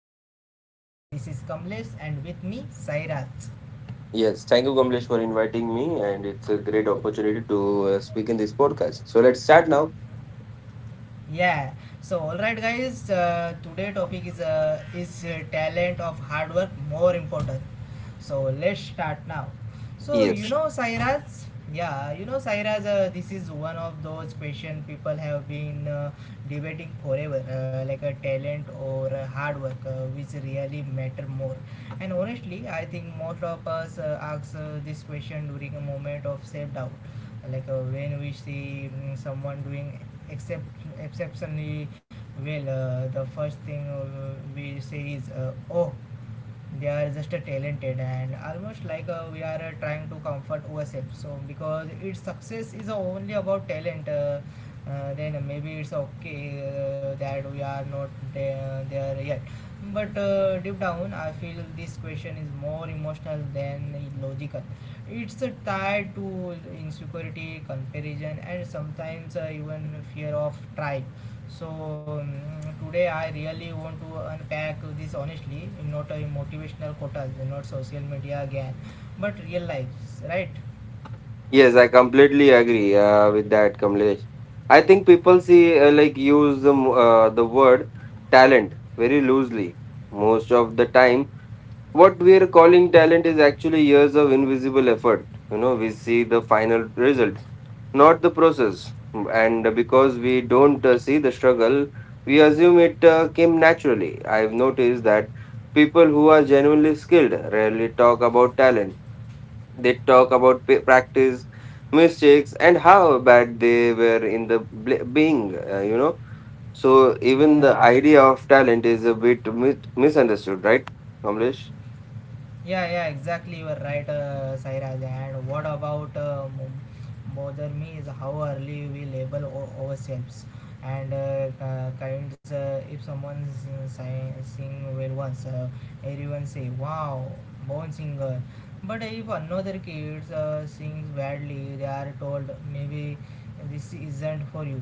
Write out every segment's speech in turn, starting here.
to our podcast. This is Kamlesh and with me Sairaj. Yes, thank you, Kamlesh, for inviting me, and it's a great opportunity to speak in this podcast. So let's start now. Yeah. So alright guys, today topic is talent of hard work more important. So let's start now. So you Yes, know Sairaj, yeah, Sairaj, this is one of those question people have been debating forever, like a talent or a hard work, which really matter more. And honestly, I think most of us ask this question during a moment of self doubt, like when we see someone doing except exceptionally well the first thing we say is oh they are just talented and almost like we are trying to comfort ourselves so because its success is only about talent, then maybe it's okay that we are not there yet but deep down I feel this question is more emotional than logical. It's tied to insecurity comparison and sometimes even fear of trying. So today I really want to unpack this honestly, not a motivational quotas, not social media again, but real lives, right? yes, I completely agree with that, Kamlesh. I think people see like use the the word talent very loosely most of the time. What we are calling talent is actually years of invisible effort. You know, we see the final result not the process. And because we don't see the struggle, we assume it came naturally. I've noticed that people who are genuinely skilled rarely talk about talent. They talk about practice, mistakes, and how bad they were in the being, you know. So even Yeah. the idea of talent is a bit misunderstood, right, Kamlesh? Yeah, yeah, exactly. You are right, Sairaj. And what about bother me is how early we label ourselves. And kinds, if someone sing well once, everyone say, "Wow, born singer." But if another kid sings badly, they are told, "Maybe this isn't for you."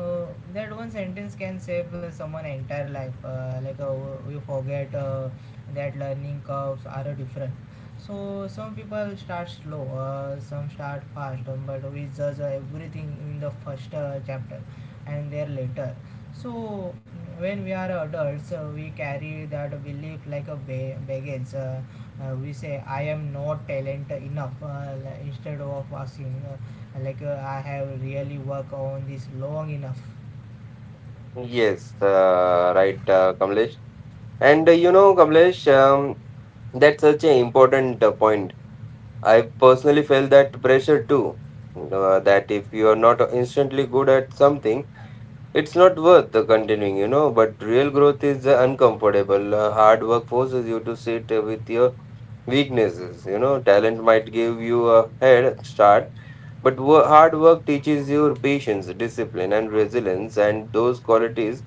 Uh, that one sentence can save someone entire life. Like we forget that learning curves are different. So some people start slow, some start fast, but we judge everything in the first chapter and there later. So when we are adults, we carry that belief like a baggage. We say I am not talent enough, instead of asking, like I have really worked on this long enough. Yes, right, Kamlesh. And you know, Kamlesh, that's such an important point. I personally felt that pressure too. That if you are not instantly good at something, it's not worth the continuing, you know. But real growth is uncomfortable. Hard work forces you to sit with your weaknesses. You know, talent might give you a head start, but hard work teaches you patience, discipline, and resilience. And those qualities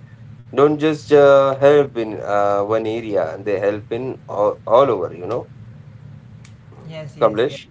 don't just help in one area they help in all over you know kamlesh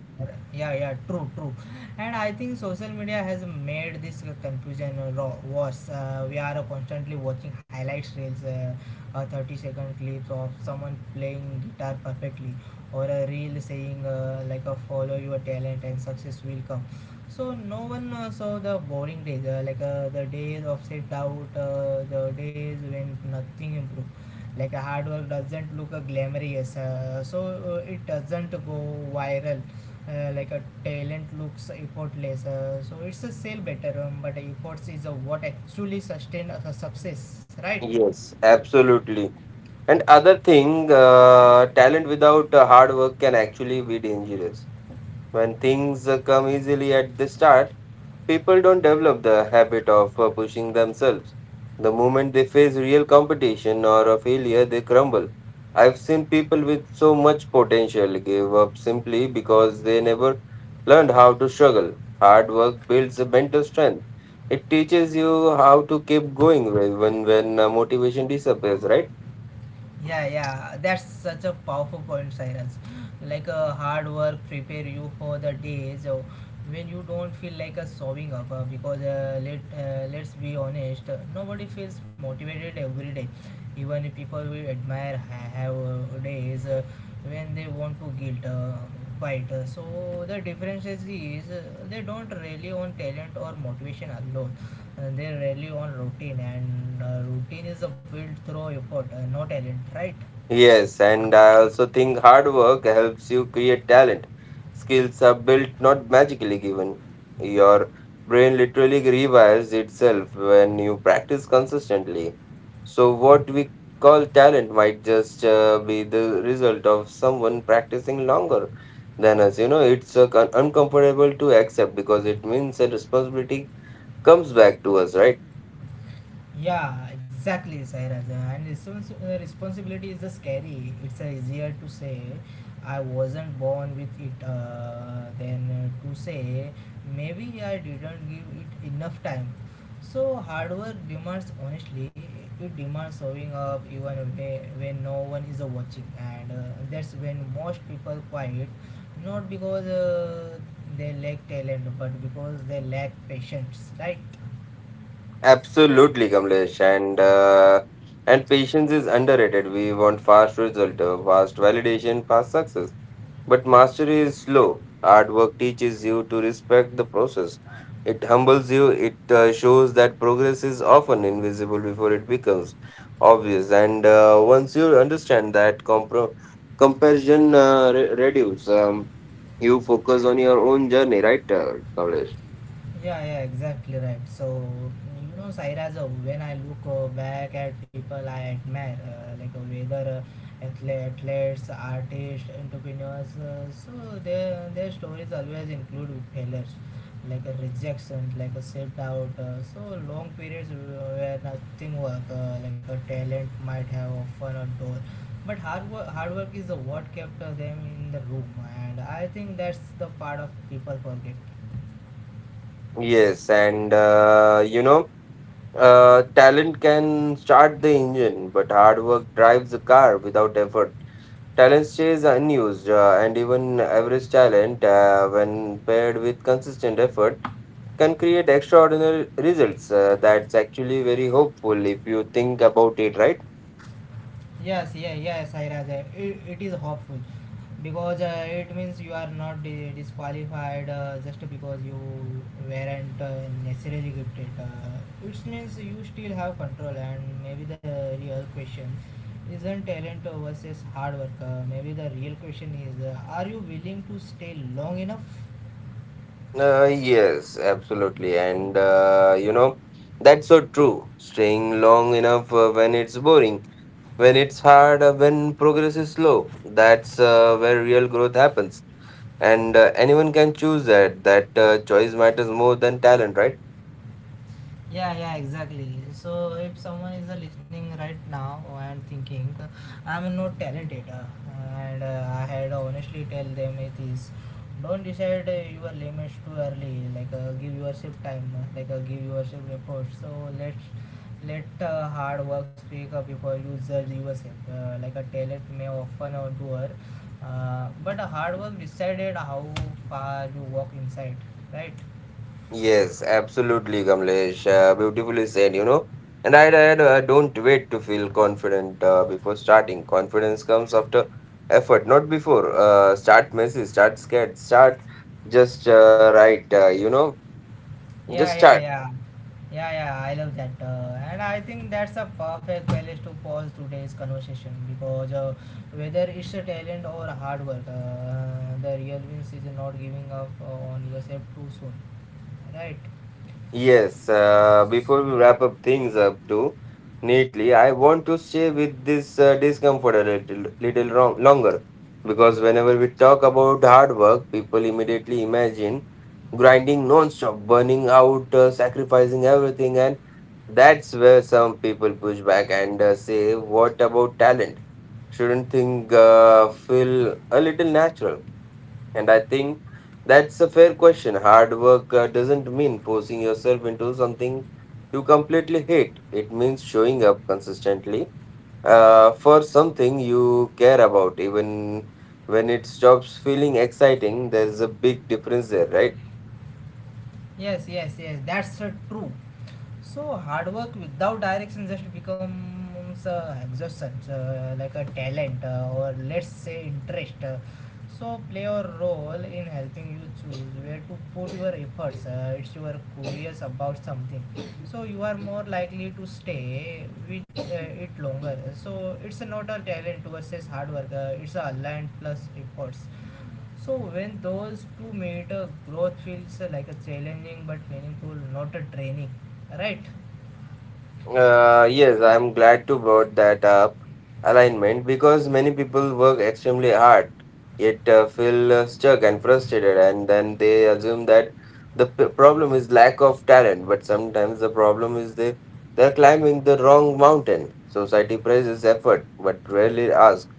Yeah, yeah, true, true. And I think social media has made this confusion worse. We are constantly watching highlights reels, 30-second clips of someone playing guitar perfectly, or a reel saying, like a follow your talent and success will come. So no one saw the boring days, like the days of self-doubt, the days when nothing improved. Like a hard work doesn't look glamorous, so it doesn't go viral. Like a talent looks effortless. So it's a sale better, but efforts is what actually sustain a success, right? yes absolutely and other thing talent without hard work can actually be dangerous when things come easily at the start. People don't develop the habit of pushing themselves. The moment they face real competition or a failure, they crumble. I've seen people with so much potential give up simply because they never learned how to struggle. Hard work builds a mental strength. It teaches you how to keep going when motivation disappears, right? Yeah, yeah, that's such a powerful point, Cyrus. Like a hard work prepare you for the days when you don't feel like a showing up. Because let's be honest, nobody feels motivated every day. Even if people we admire have days when they want to guilt bite. So the difference is they don't rely on talent or motivation alone. They rely on routine, and routine is a built through effort, no talent, right? Yes, and I also think hard work helps you create talent. Skills are built, not magically given. Your brain literally rewires itself when you practice consistently. So, what we call talent might just be the result of someone practicing longer than us. You know, it's uncomfortable to accept because it means a responsibility comes back to us, right? Yeah, exactly, Sairaja. And responsibility is a scary. It's easier to say I wasn't born with it, than to say maybe I didn't give it enough time. So hard work demands honestly. It demands showing up even when no one is watching, and that's when most people quiet, not because they lack talent, but because they lack patience, right? Absolutely, Kamlesh, and patience is underrated. We want fast result, fast validation, fast success. But mastery is slow. Hard work teaches you to respect the process. It humbles you. It shows that progress is often invisible before it becomes obvious. And once you understand that, comparison reduce. You focus on your own journey, right, Kamlesh? Yeah, yeah, exactly right. So, you know, Sairaj, when I look back at people I admire, like whether athletes, artists, entrepreneurs, so their stories always include failures, like a rejection, like a set out, so long periods where nothing work, like a talent might have often a door. But hard work is what kept them in the room, and I think that's the part of people forget. Yes, and you know. Talent can start the engine, but hard work drives the car without effort. Talent stays unused, and even average talent, when paired with consistent effort, can create extraordinary results. That's actually very hopeful if you think about it, right? Yes, yeah, yes, Sairaj. It is hopeful because it means you are not disqualified just because you weren't necessarily gifted. It means you still have control, and maybe the real question isn't talent versus hard work. Maybe the real question is, are you willing to stay long enough? Yes, absolutely. And you know, that's so true. Staying long enough when it's boring, when it's hard, when progress is slow, that's where real growth happens. And anyone can choose that choice matters more than talent, right? Yeah, yeah, exactly. So if someone is listening right now and thinking, I'm not talented, and I had honestly tell them it is, don't decide your limits too early. Like give yourself time. Like give yourself effort. So let's let hard work speak before you judge yourself. Like a talent may often outdoor, but a hard work decided how far you walk inside, right? Yes, absolutely, Kamlesh, beautifully said, you know. And I don't wait to feel confident before starting. Confidence comes after effort, not before. Start messy, start scared, start just you know, just Yeah, yeah, start. yeah. Yeah, yeah, I love that. And I think that's a perfect place to pause today's conversation because whether it's a talent or hard work, the real wins is not giving up on yourself too soon. Right? Yes, before we wrap up things up too neatly, I want to stay with this discomfort a little longer because whenever we talk about hard work, people immediately imagine grinding non-stop, burning out, sacrificing everything, and that's where some people push back and say, "What about talent? Shouldn't thing feel a little natural?" And I think that's a fair question. Hard work doesn't mean forcing yourself into something you completely hate. It means showing up consistently for something you care about, even when it stops feeling exciting. There's a big difference there, right? Yes, yes, yes. That's true. So hard work without direction just becomes exhaustion, like a talent or let's say interest. So play a role in helping you choose where to put your efforts. It's you are curious about something, so you are more likely to stay with it longer. So it's not a talent versus hard work. It's a aligned plus efforts. So when those two matter, growth feels like a challenging but meaningful, not a training, right? Yes, I'm glad to brought that up, alignment, because many people work extremely hard yet feel stuck and frustrated, and then they assume that the problem is lack of talent. But sometimes the problem is they're climbing the wrong mountain. Society praises effort, but rarely asks.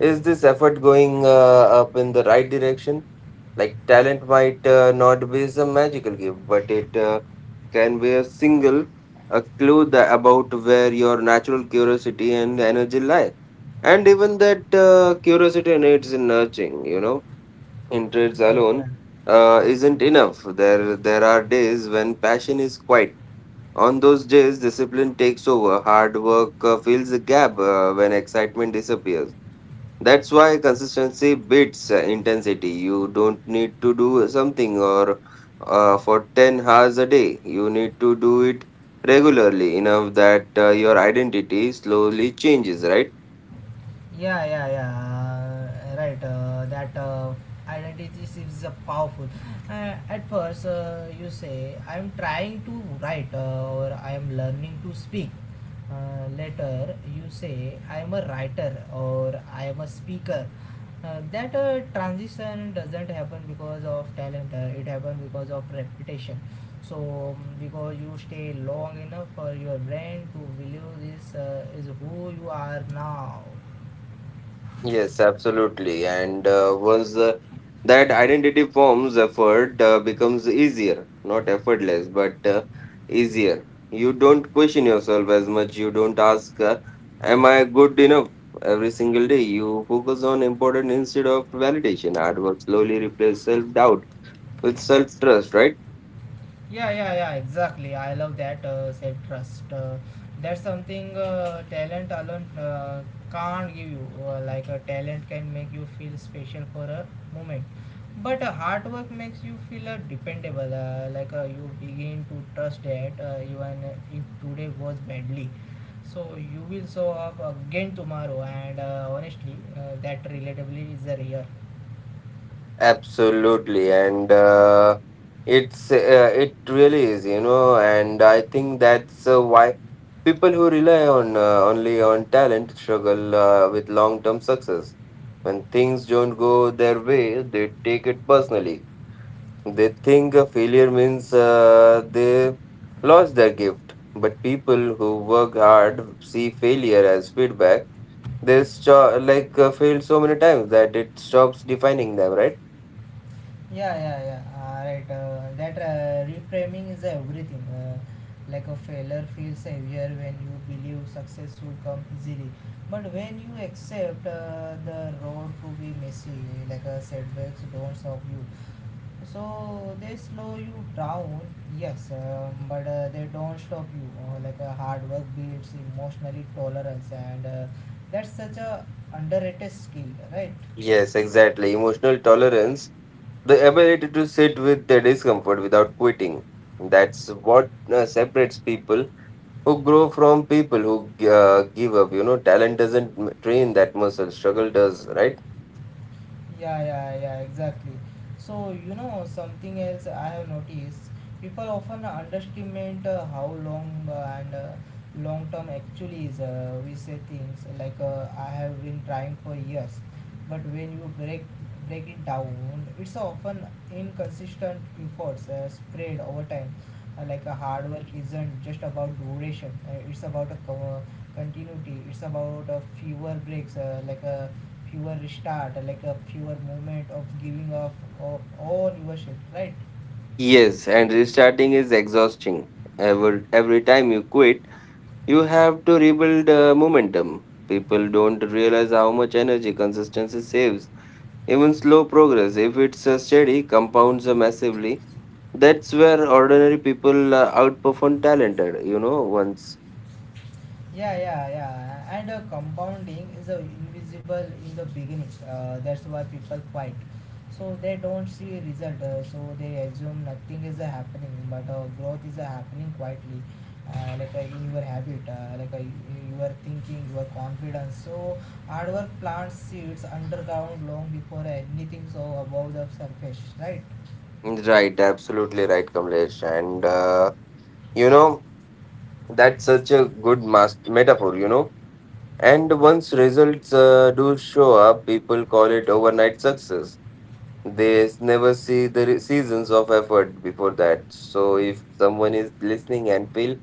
Is this effort going up in the right direction? Like talent might not be some magical gift, but it can be a single, a clue that about where your natural curiosity and energy lie. And even that curiosity needs nurturing, you know, interests Yeah, yeah. alone isn't enough. There are days when passion is quiet. On those days, discipline takes over. Hard work fills the gap when excitement disappears. That's why consistency beats intensity. You don't need to do something or for 10 hours a day. You need to do it regularly enough that your identity slowly changes, right? Yeah, yeah, yeah. Right. That identity is powerful. At first, you say, I am trying to write or I am learning to speak. Later, you say, I am a writer or I am a speaker. That transition doesn't happen because of talent, it happens because of reputation. So, because you stay long enough for your brain to believe this is who you are now. Yes, absolutely. And once that identity forms, effort becomes easier, not effortless, but easier. You don't question yourself as much. You don't ask, am I good enough? Every single day, you focus on important instead of validation. Hard work slowly replaces self doubt with self trust, right? Yeah, yeah, yeah, exactly. I love that, said Trust. That's something talent alone can't give you. Like a talent can make you feel special for a moment. But hard work makes you feel dependable. Like you begin to trust that even if today goes badly. So you will show up again tomorrow. And honestly, that relatability is rare. Absolutely, and it's uh, it really is, you know, and I think that's why people who rely on only on talent struggle with long-term success. When things don't go their way, they take it personally. They think a failure means they lost their gift. But people who work hard see failure as feedback. They failed so many times that it stops defining them, right? Yeah, yeah, yeah. Right. That reframing is everything. Like a failure feels heavier when you believe success should come easily, but when you accept the road to be messy, like setbacks don't stop you. So they slow you down, yes, but they don't stop you. Like hard work builds emotionally tolerance, and that's such a underrated skill, right? Yes, exactly. Emotional tolerance, the ability to sit with the discomfort without quitting. That's what separates people who grow from people who give up. You know, talent doesn't train that muscle, struggle does, right? Yeah, yeah, yeah, exactly. So, you know, something else I have noticed people often underestimate how long and long term actually is. We say things like, I have been trying for years, but when you break it down, it's often inconsistent efforts spread over time. Like a hard work isn't just about duration, it's about a cover continuity. It's about a fewer breaks, like a fewer restart, like a fewer moment of giving up of all your, right? Yes, and restarting is exhausting. Every time you quit, you have to rebuild momentum. People don't realize how much energy consistency saves. Even slow progress, if it's steady, compounds massively. That's where ordinary people outperform talented, you know, once. Yeah, yeah, yeah. And compounding is invisible in the beginning. That's why people fight. So they don't see result. So they assume nothing is happening, but growth is happening quietly, like in your habit, like your thinking, your confidence. So hard work plants seeds underground long before anything so above the surface, right? Right, absolutely right, Kamlesh. And, you know, that's such a good metaphor, you know. And once results do show up, people call it overnight success. They never see the seasons of effort before that. So if someone is listening and feel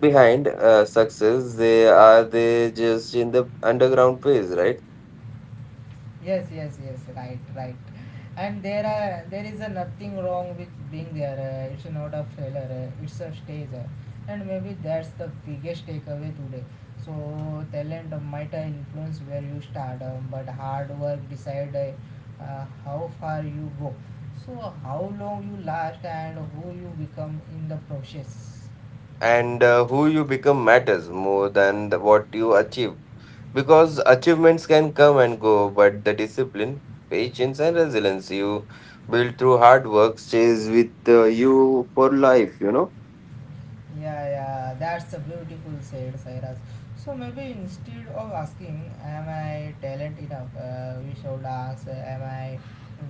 behind success, they just in the underground phase, right? Yes, yes, yes. Right, right. And there is a nothing wrong with being there. It's not a failure. It's a stage, and maybe that's the biggest takeaway today. So talent might influence where you start, but hard work decide how far you go. So how long you last and who you become in the process. And who you become matters more than what you achieve, because achievements can come and go, but the discipline, patience and resilience you build through hard work stays with you for life, you know. Yeah, yeah, that's a beautiful said Cyrus. So maybe instead of asking, am I talent enough? We should ask, am I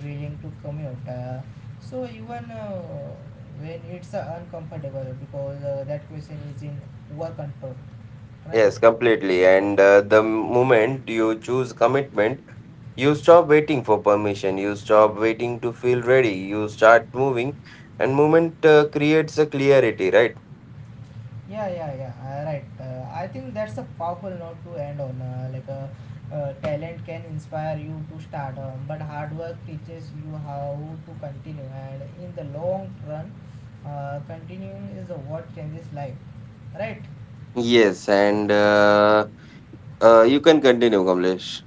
willing to commute? So even when it's uncomfortable, because that question is in our control, right? Yes, completely, and the moment you choose commitment, you stop waiting for permission, you stop waiting to feel ready, you start moving, and movement creates a clarity, right? Yeah, yeah, yeah. Right. I think that's a powerful note to end on. Like, talent can inspire you to start, but hard work teaches you how to continue. And in the long run, continuing is what changes life. Right. Yes, and you can continue, Kamlesh.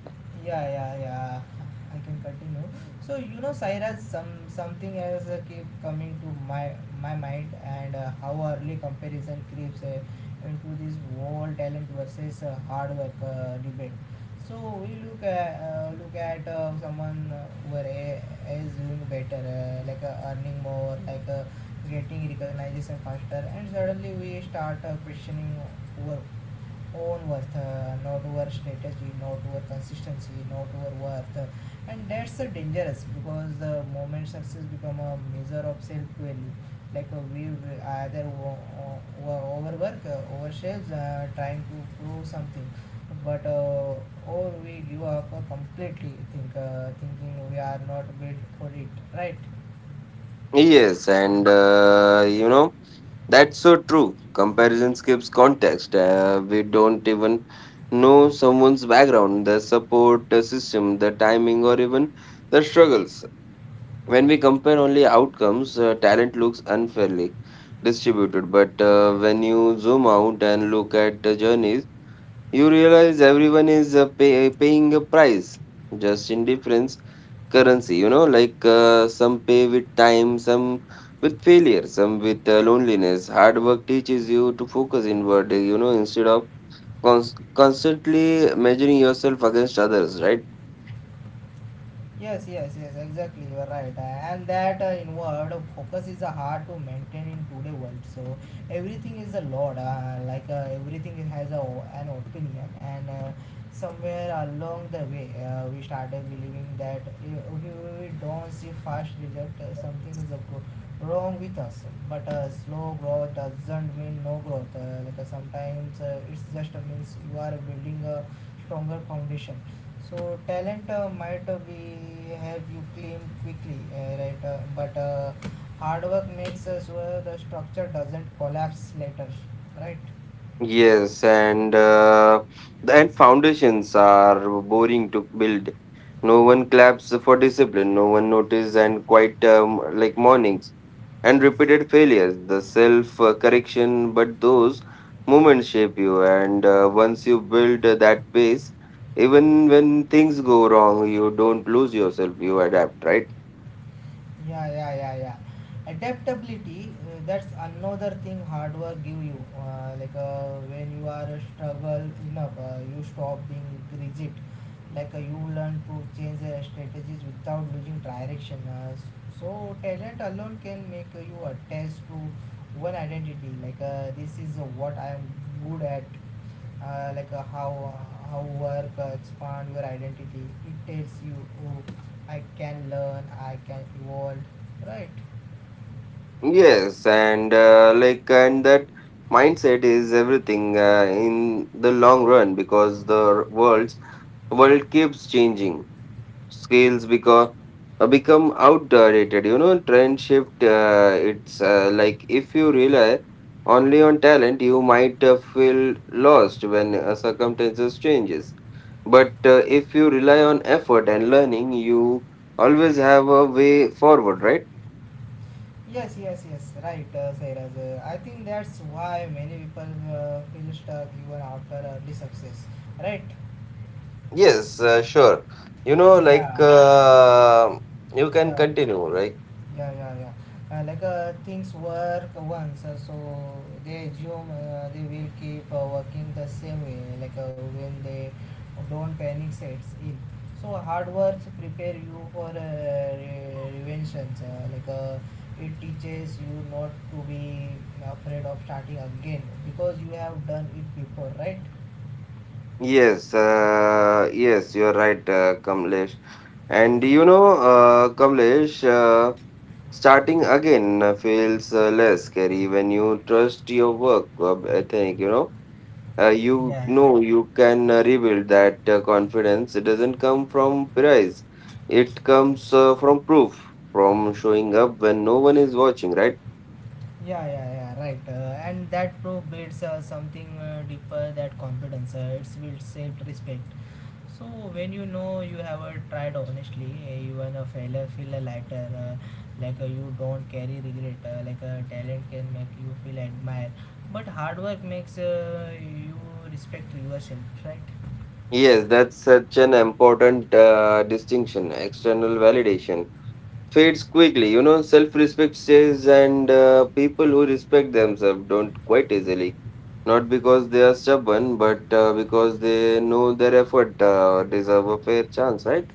Yeah, yeah, yeah, I can continue. So Cyrus, something else keep coming to my mind, and how early comparison creeps into this whole talent versus hard work debate. So we look at someone is doing better, earning more, getting recognition faster, and suddenly we start questioning over own worth, not over strategy, not over consistency, not over worth. And that's dangerous, because the moment success become a measure of self value, we either overwork ourselves trying to prove something, but or we give up completely, thinking we are not built for it, right? Yes, and you know, that's so true. Comparison skips context. We don't even know someone's background, the support system, the timing, or even the struggles. When we compare only outcomes, talent looks unfairly distributed. But when you zoom out and look at the journeys, you realize everyone is pay- paying a price, just in different currency, you know, like some pay with time, some with failure, some with loneliness. Hard work teaches you to focus inward, you know, instead of cons- constantly measuring yourself against others, right? Yes, yes, yes, exactly. You are right. And that inward focus is hard to maintain in today world. So everything is a lot. Everything has a, an opinion, and somewhere along the way, we started believing that if we don't see fast result, something is wrong with us. But Slow growth doesn't mean no growth. Sometimes it's just means you are building a stronger foundation. So talent might be help you claim quickly, right? But Hard work makes us where the structure doesn't collapse later, right? Yes, and and foundations are boring to build. No one claps for discipline. No one notices, and quite like mornings and repeated failures, the self correction. But those moments shape you, and once you build that base, even when things go wrong, you don't lose yourself. You adapt, right? Yeah, yeah, yeah, yeah. Adaptability, that's another thing hard work give you. When you are struggle enough, you stop being rigid. You learn to change the strategies without losing direction. So talent alone can make you attached to one identity, this is what I am good at. How work expand your identity. It tells you, oh, I can learn, I can evolve, right? Yes, and that mindset is everything in the long run because the world keeps changing. Scales because become outdated. You know, trend shift. It's like if you rely only on talent, you might feel lost when circumstances changes. But if you rely on effort and learning, you always have a way forward, right? Yes, yes, yes, right, Sairaj. I think that's why many people feel stuck even after early success, right? Yes, sure. You know, like Yeah, you can yeah. continue, right? Yeah, yeah, yeah. Things work once, so they assume they will keep working the same way. When they don't, panic sets in. So hard work prepare you for revelations. It teaches you not to be afraid of starting again because you have done it before, right? Yes, yes, you're right, Kamlesh. And you know, Kamlesh, starting again feels less scary when you trust your work. I think you know, Yeah. You can rebuild that confidence. It doesn't come from prize, it comes from proof, from showing up when no one is watching, right? Yeah, yeah, yeah, right. And that proof builds something deeper, that confidence. It builds self respect. So when you know you have tried honestly, even a failure feel a lighter. You don't carry regret. Talent can make you feel admired, but hard work makes you respect yourself, right? Yes, that's such an important distinction. External validation fades quickly. You know, self respect stays, and people who respect themselves don't quite easily. Not because they are stubborn, but because they know their effort deserve a fair chance, right?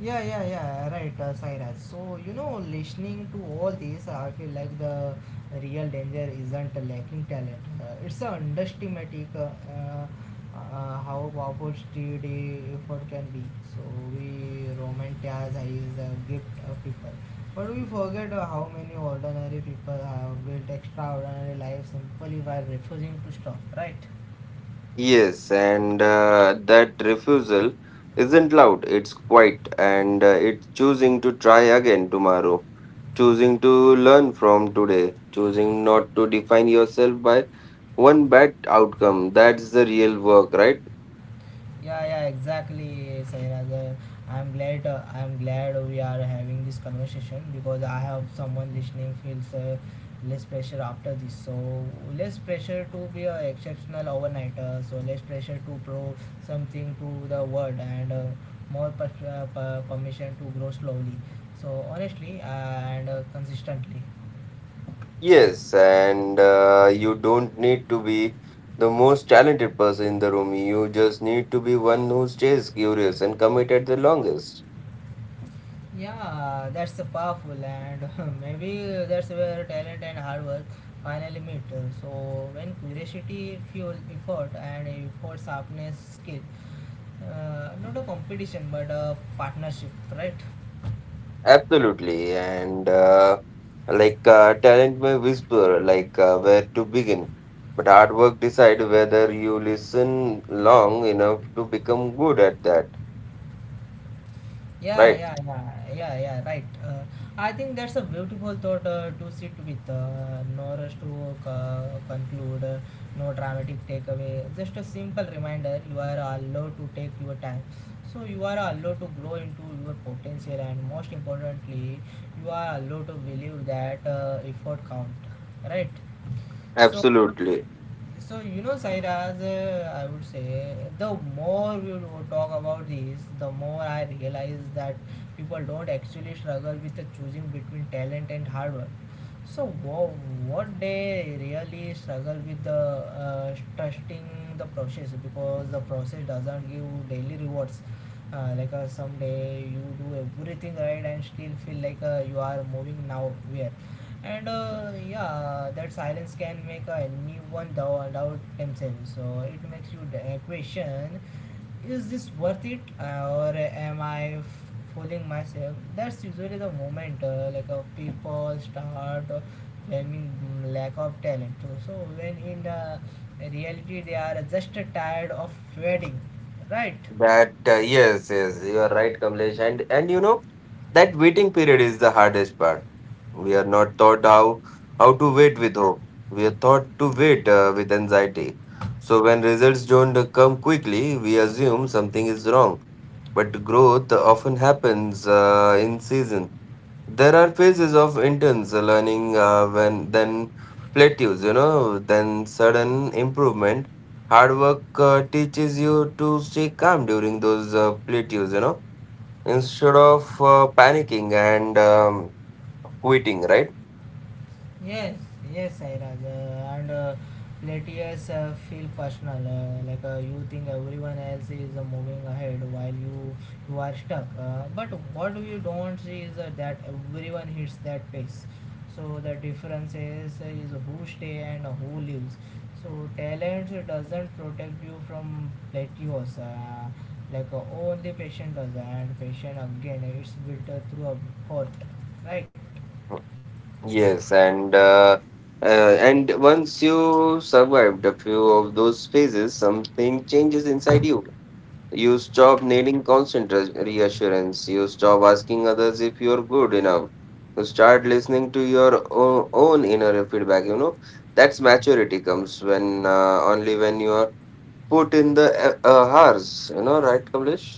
Yeah, yeah, yeah, right, Sairaj. So, you know, listening to all this, I feel like the real danger isn't lacking talent. It's a underestimating how powerful street effort can be. So we romanticize his gift of people, but we forget how many ordinary people have built extraordinary lives simply by refusing to stop, right? Yes, and that refusal isn't loud, it's quiet, and it's choosing to try again tomorrow, choosing to learn from today, choosing not to define yourself by one bad outcome. That's the real work, right? Yeah, yeah, exactly, Sairaj. I'm glad. I'm glad we are having this conversation, because I have someone listening feels less pressure after this. So less pressure to be an exceptional overnighter. So less pressure to prove something to the world, and more permission to grow slowly. So honestly and consistently. Yes, and you don't need to be the most talented person in the room, you just need to be one who stays curious and committed the longest. Yeah, that's powerful, and maybe that's where talent and hard work finally meet. So when curiosity fuel effort and effort sharpness skill, not a competition but a partnership, right? Absolutely, and talent may whisper, where to begin, but hard work decide whether you listen long enough to become good at that. Yeah, Right? yeah, yeah, yeah, yeah, right. I think that's a beautiful thought to sit with, nor us to conclude. No dramatic takeaway, just a simple reminder: you are allowed to take your time. So you are allowed to grow into your potential, and most importantly, you are allowed to believe that effort count, right? So, Absolutely. so you know, Sairaj, I would say the more we would talk about this, the more I realize that people don't actually struggle with the choosing between talent and hard work. So wha- what they really struggle with the trusting the process, because the process doesn't give daily rewards. Someday you do everything right and still feel like you are moving nowhere, and yeah, that silence can make anyone doubt, doubt themselves. So it makes you question, is this worth it, or am I fooling myself? That's usually the moment people start blaming lack of talent, so when in reality they are just tired of waiting, right? That yes, yes, you are right, Kamlesh. And you know that waiting period is the hardest part. We are not taught how to wait with hope. We are taught to wait with anxiety. So when results don't come quickly, we assume something is wrong. But growth often happens in season. There are phases of intense learning, when then plateaus, you know, then sudden improvement. Hard work teaches you to stay calm during those plateaus, you know, instead of panicking and quitting, right? Yes, yes, Sairaj. And Let us feel personal. You think everyone else is moving ahead while you are stuck. But what you don't see is that everyone hits that pace. So the difference is who stay and who leaves. So talent doesn't protect you from plateaus. Only patient does, and patient again it's built through a hurt, right? Yes, and once you survived a few of those phases, something changes inside you. You stop needing constant reassurance. You stop asking others if you're good enough. You start listening to your own inner feedback. You know, that's maturity. Comes when, only when you are put in the hours. You know, right, Kamlesh?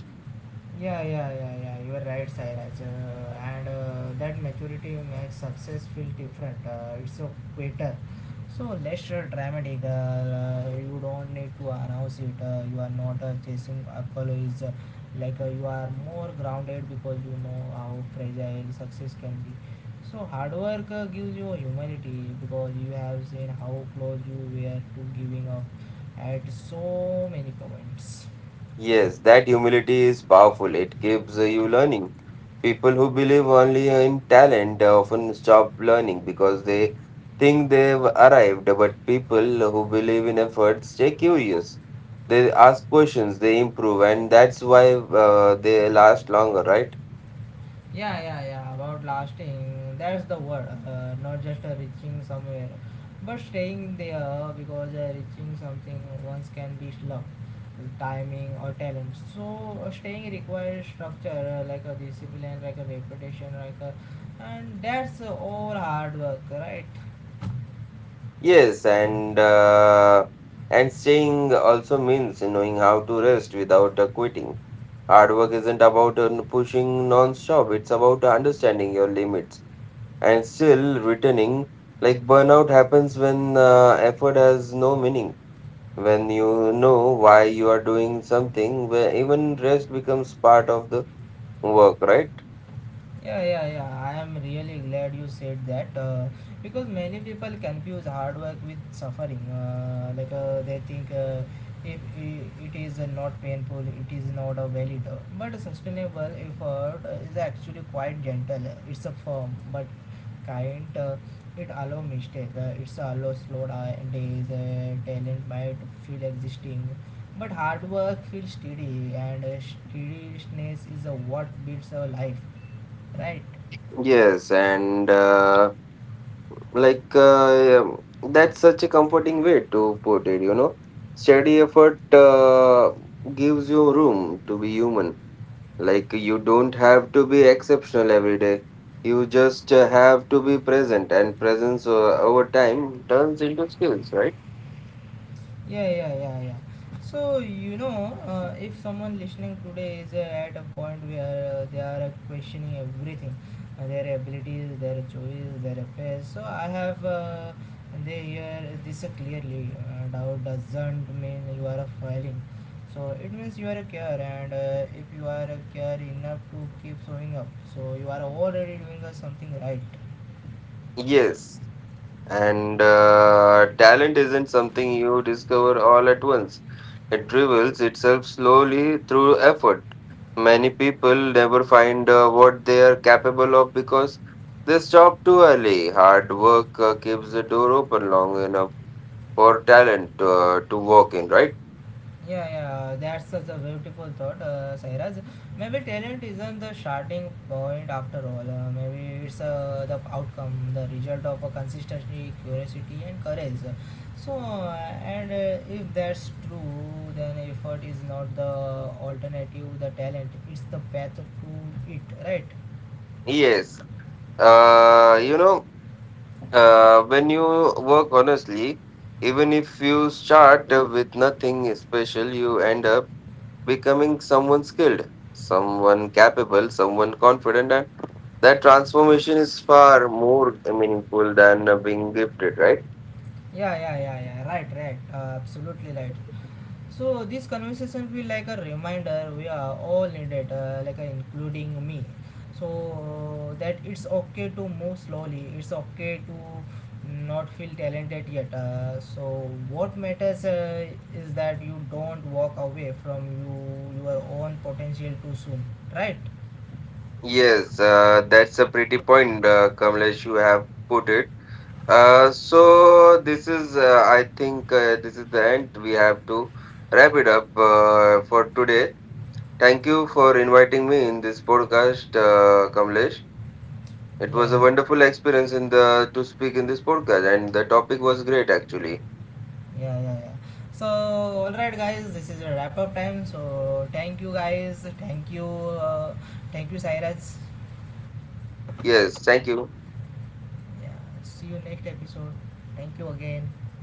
Yeah, yeah, yeah, yeah. You are right, Sairaj. And That maturity makes success feel different. It's so better. So less dramatic. You don't need to announce it. You are not chasing apologies. You are more grounded because you know how fragile success can be. So hard work gives you humanity, because you have seen how close you were to giving up at so many points. Yes, that humility is powerful. It keeps you learning. People who believe only in talent often stop learning because they think they've arrived, but people who believe in effort stay curious. They ask questions, they improve, and that's why they last longer, right? Yeah, yeah, yeah. About lasting, that's the word. Not just reaching somewhere, but staying there, because reaching something once can be luck, timing, or talent. So staying requires structure, like a discipline, like a reputation, like a, and that's all hard work, right? Yes, and staying also means knowing how to rest without quitting. Hard work isn't about pushing non-stop; it's about understanding your limits and still returning. Like burnout happens when effort has no meaning, when you know why you are doing something, where even rest becomes part of the work, right? Yeah, yeah, yeah. I am really glad you said that, because many people confuse hard work with suffering. They think if it is not painful, it is not a valid. But sustainable effort is actually quite gentle. It's a firm but kind. It allow mistake. It's allow slow days. Talent might feel existing, but hard work feels steady, and steadiness is what builds our life. Right. Yes, and that's such a comforting way to put it, you know. Steady effort gives you room to be human. Like, you don't have to be exceptional every day. You just have to be present, and presence over time turns into skills, right? Yeah, yeah, yeah, yeah. So, you know, if someone listening today is at a point where they are questioning everything, their abilities, their choices, their affairs. So I have they hear this clearly. Doubt doesn't mean you are a failing. So it means you are a care, and if you are a care enough to keep showing up, so you are already doing something right. Yes. And talent isn't something you discover all at once, it reveals itself slowly through effort. Many people never find what they are capable of because they stop too early. Hard work keeps the door open long enough for talent to walk in, right? Yeah, yeah, that's such a beautiful thought, Sairaj. Maybe talent isn't the starting point after all. Maybe it's the outcome, the result of a consistency, curiosity, and courage. So, and if that's true, then effort is not the alternative, the talent, it's the path to it, right? Yes. You know, when you work honestly, even if you start with nothing special, you end up becoming someone skilled, someone capable, someone confident, and that transformation is far more meaningful than being gifted, right? Yeah, yeah, yeah, yeah, right, right, absolutely right. So this conversation feel like a reminder we are all needed, including me. So that it's okay to move slowly. It's okay to not feel talented yet. So what matters is that you don't walk away from your own potential too soon, right? Yes, that's a pretty point, Kamlesh, you have put it. So this is the end. We have to wrap it up for today. Thank you for inviting me in this podcast, Kamlesh. It was Yeah, a yeah, wonderful experience in the to speak in this podcast, and the topic was great actually. yeah, yeah, yeah. So all right, guys, this is a wrap up time. So thank you, guys. Thank you, Cyrus. Yes, thank you. Yeah, see you next episode. Thank you again.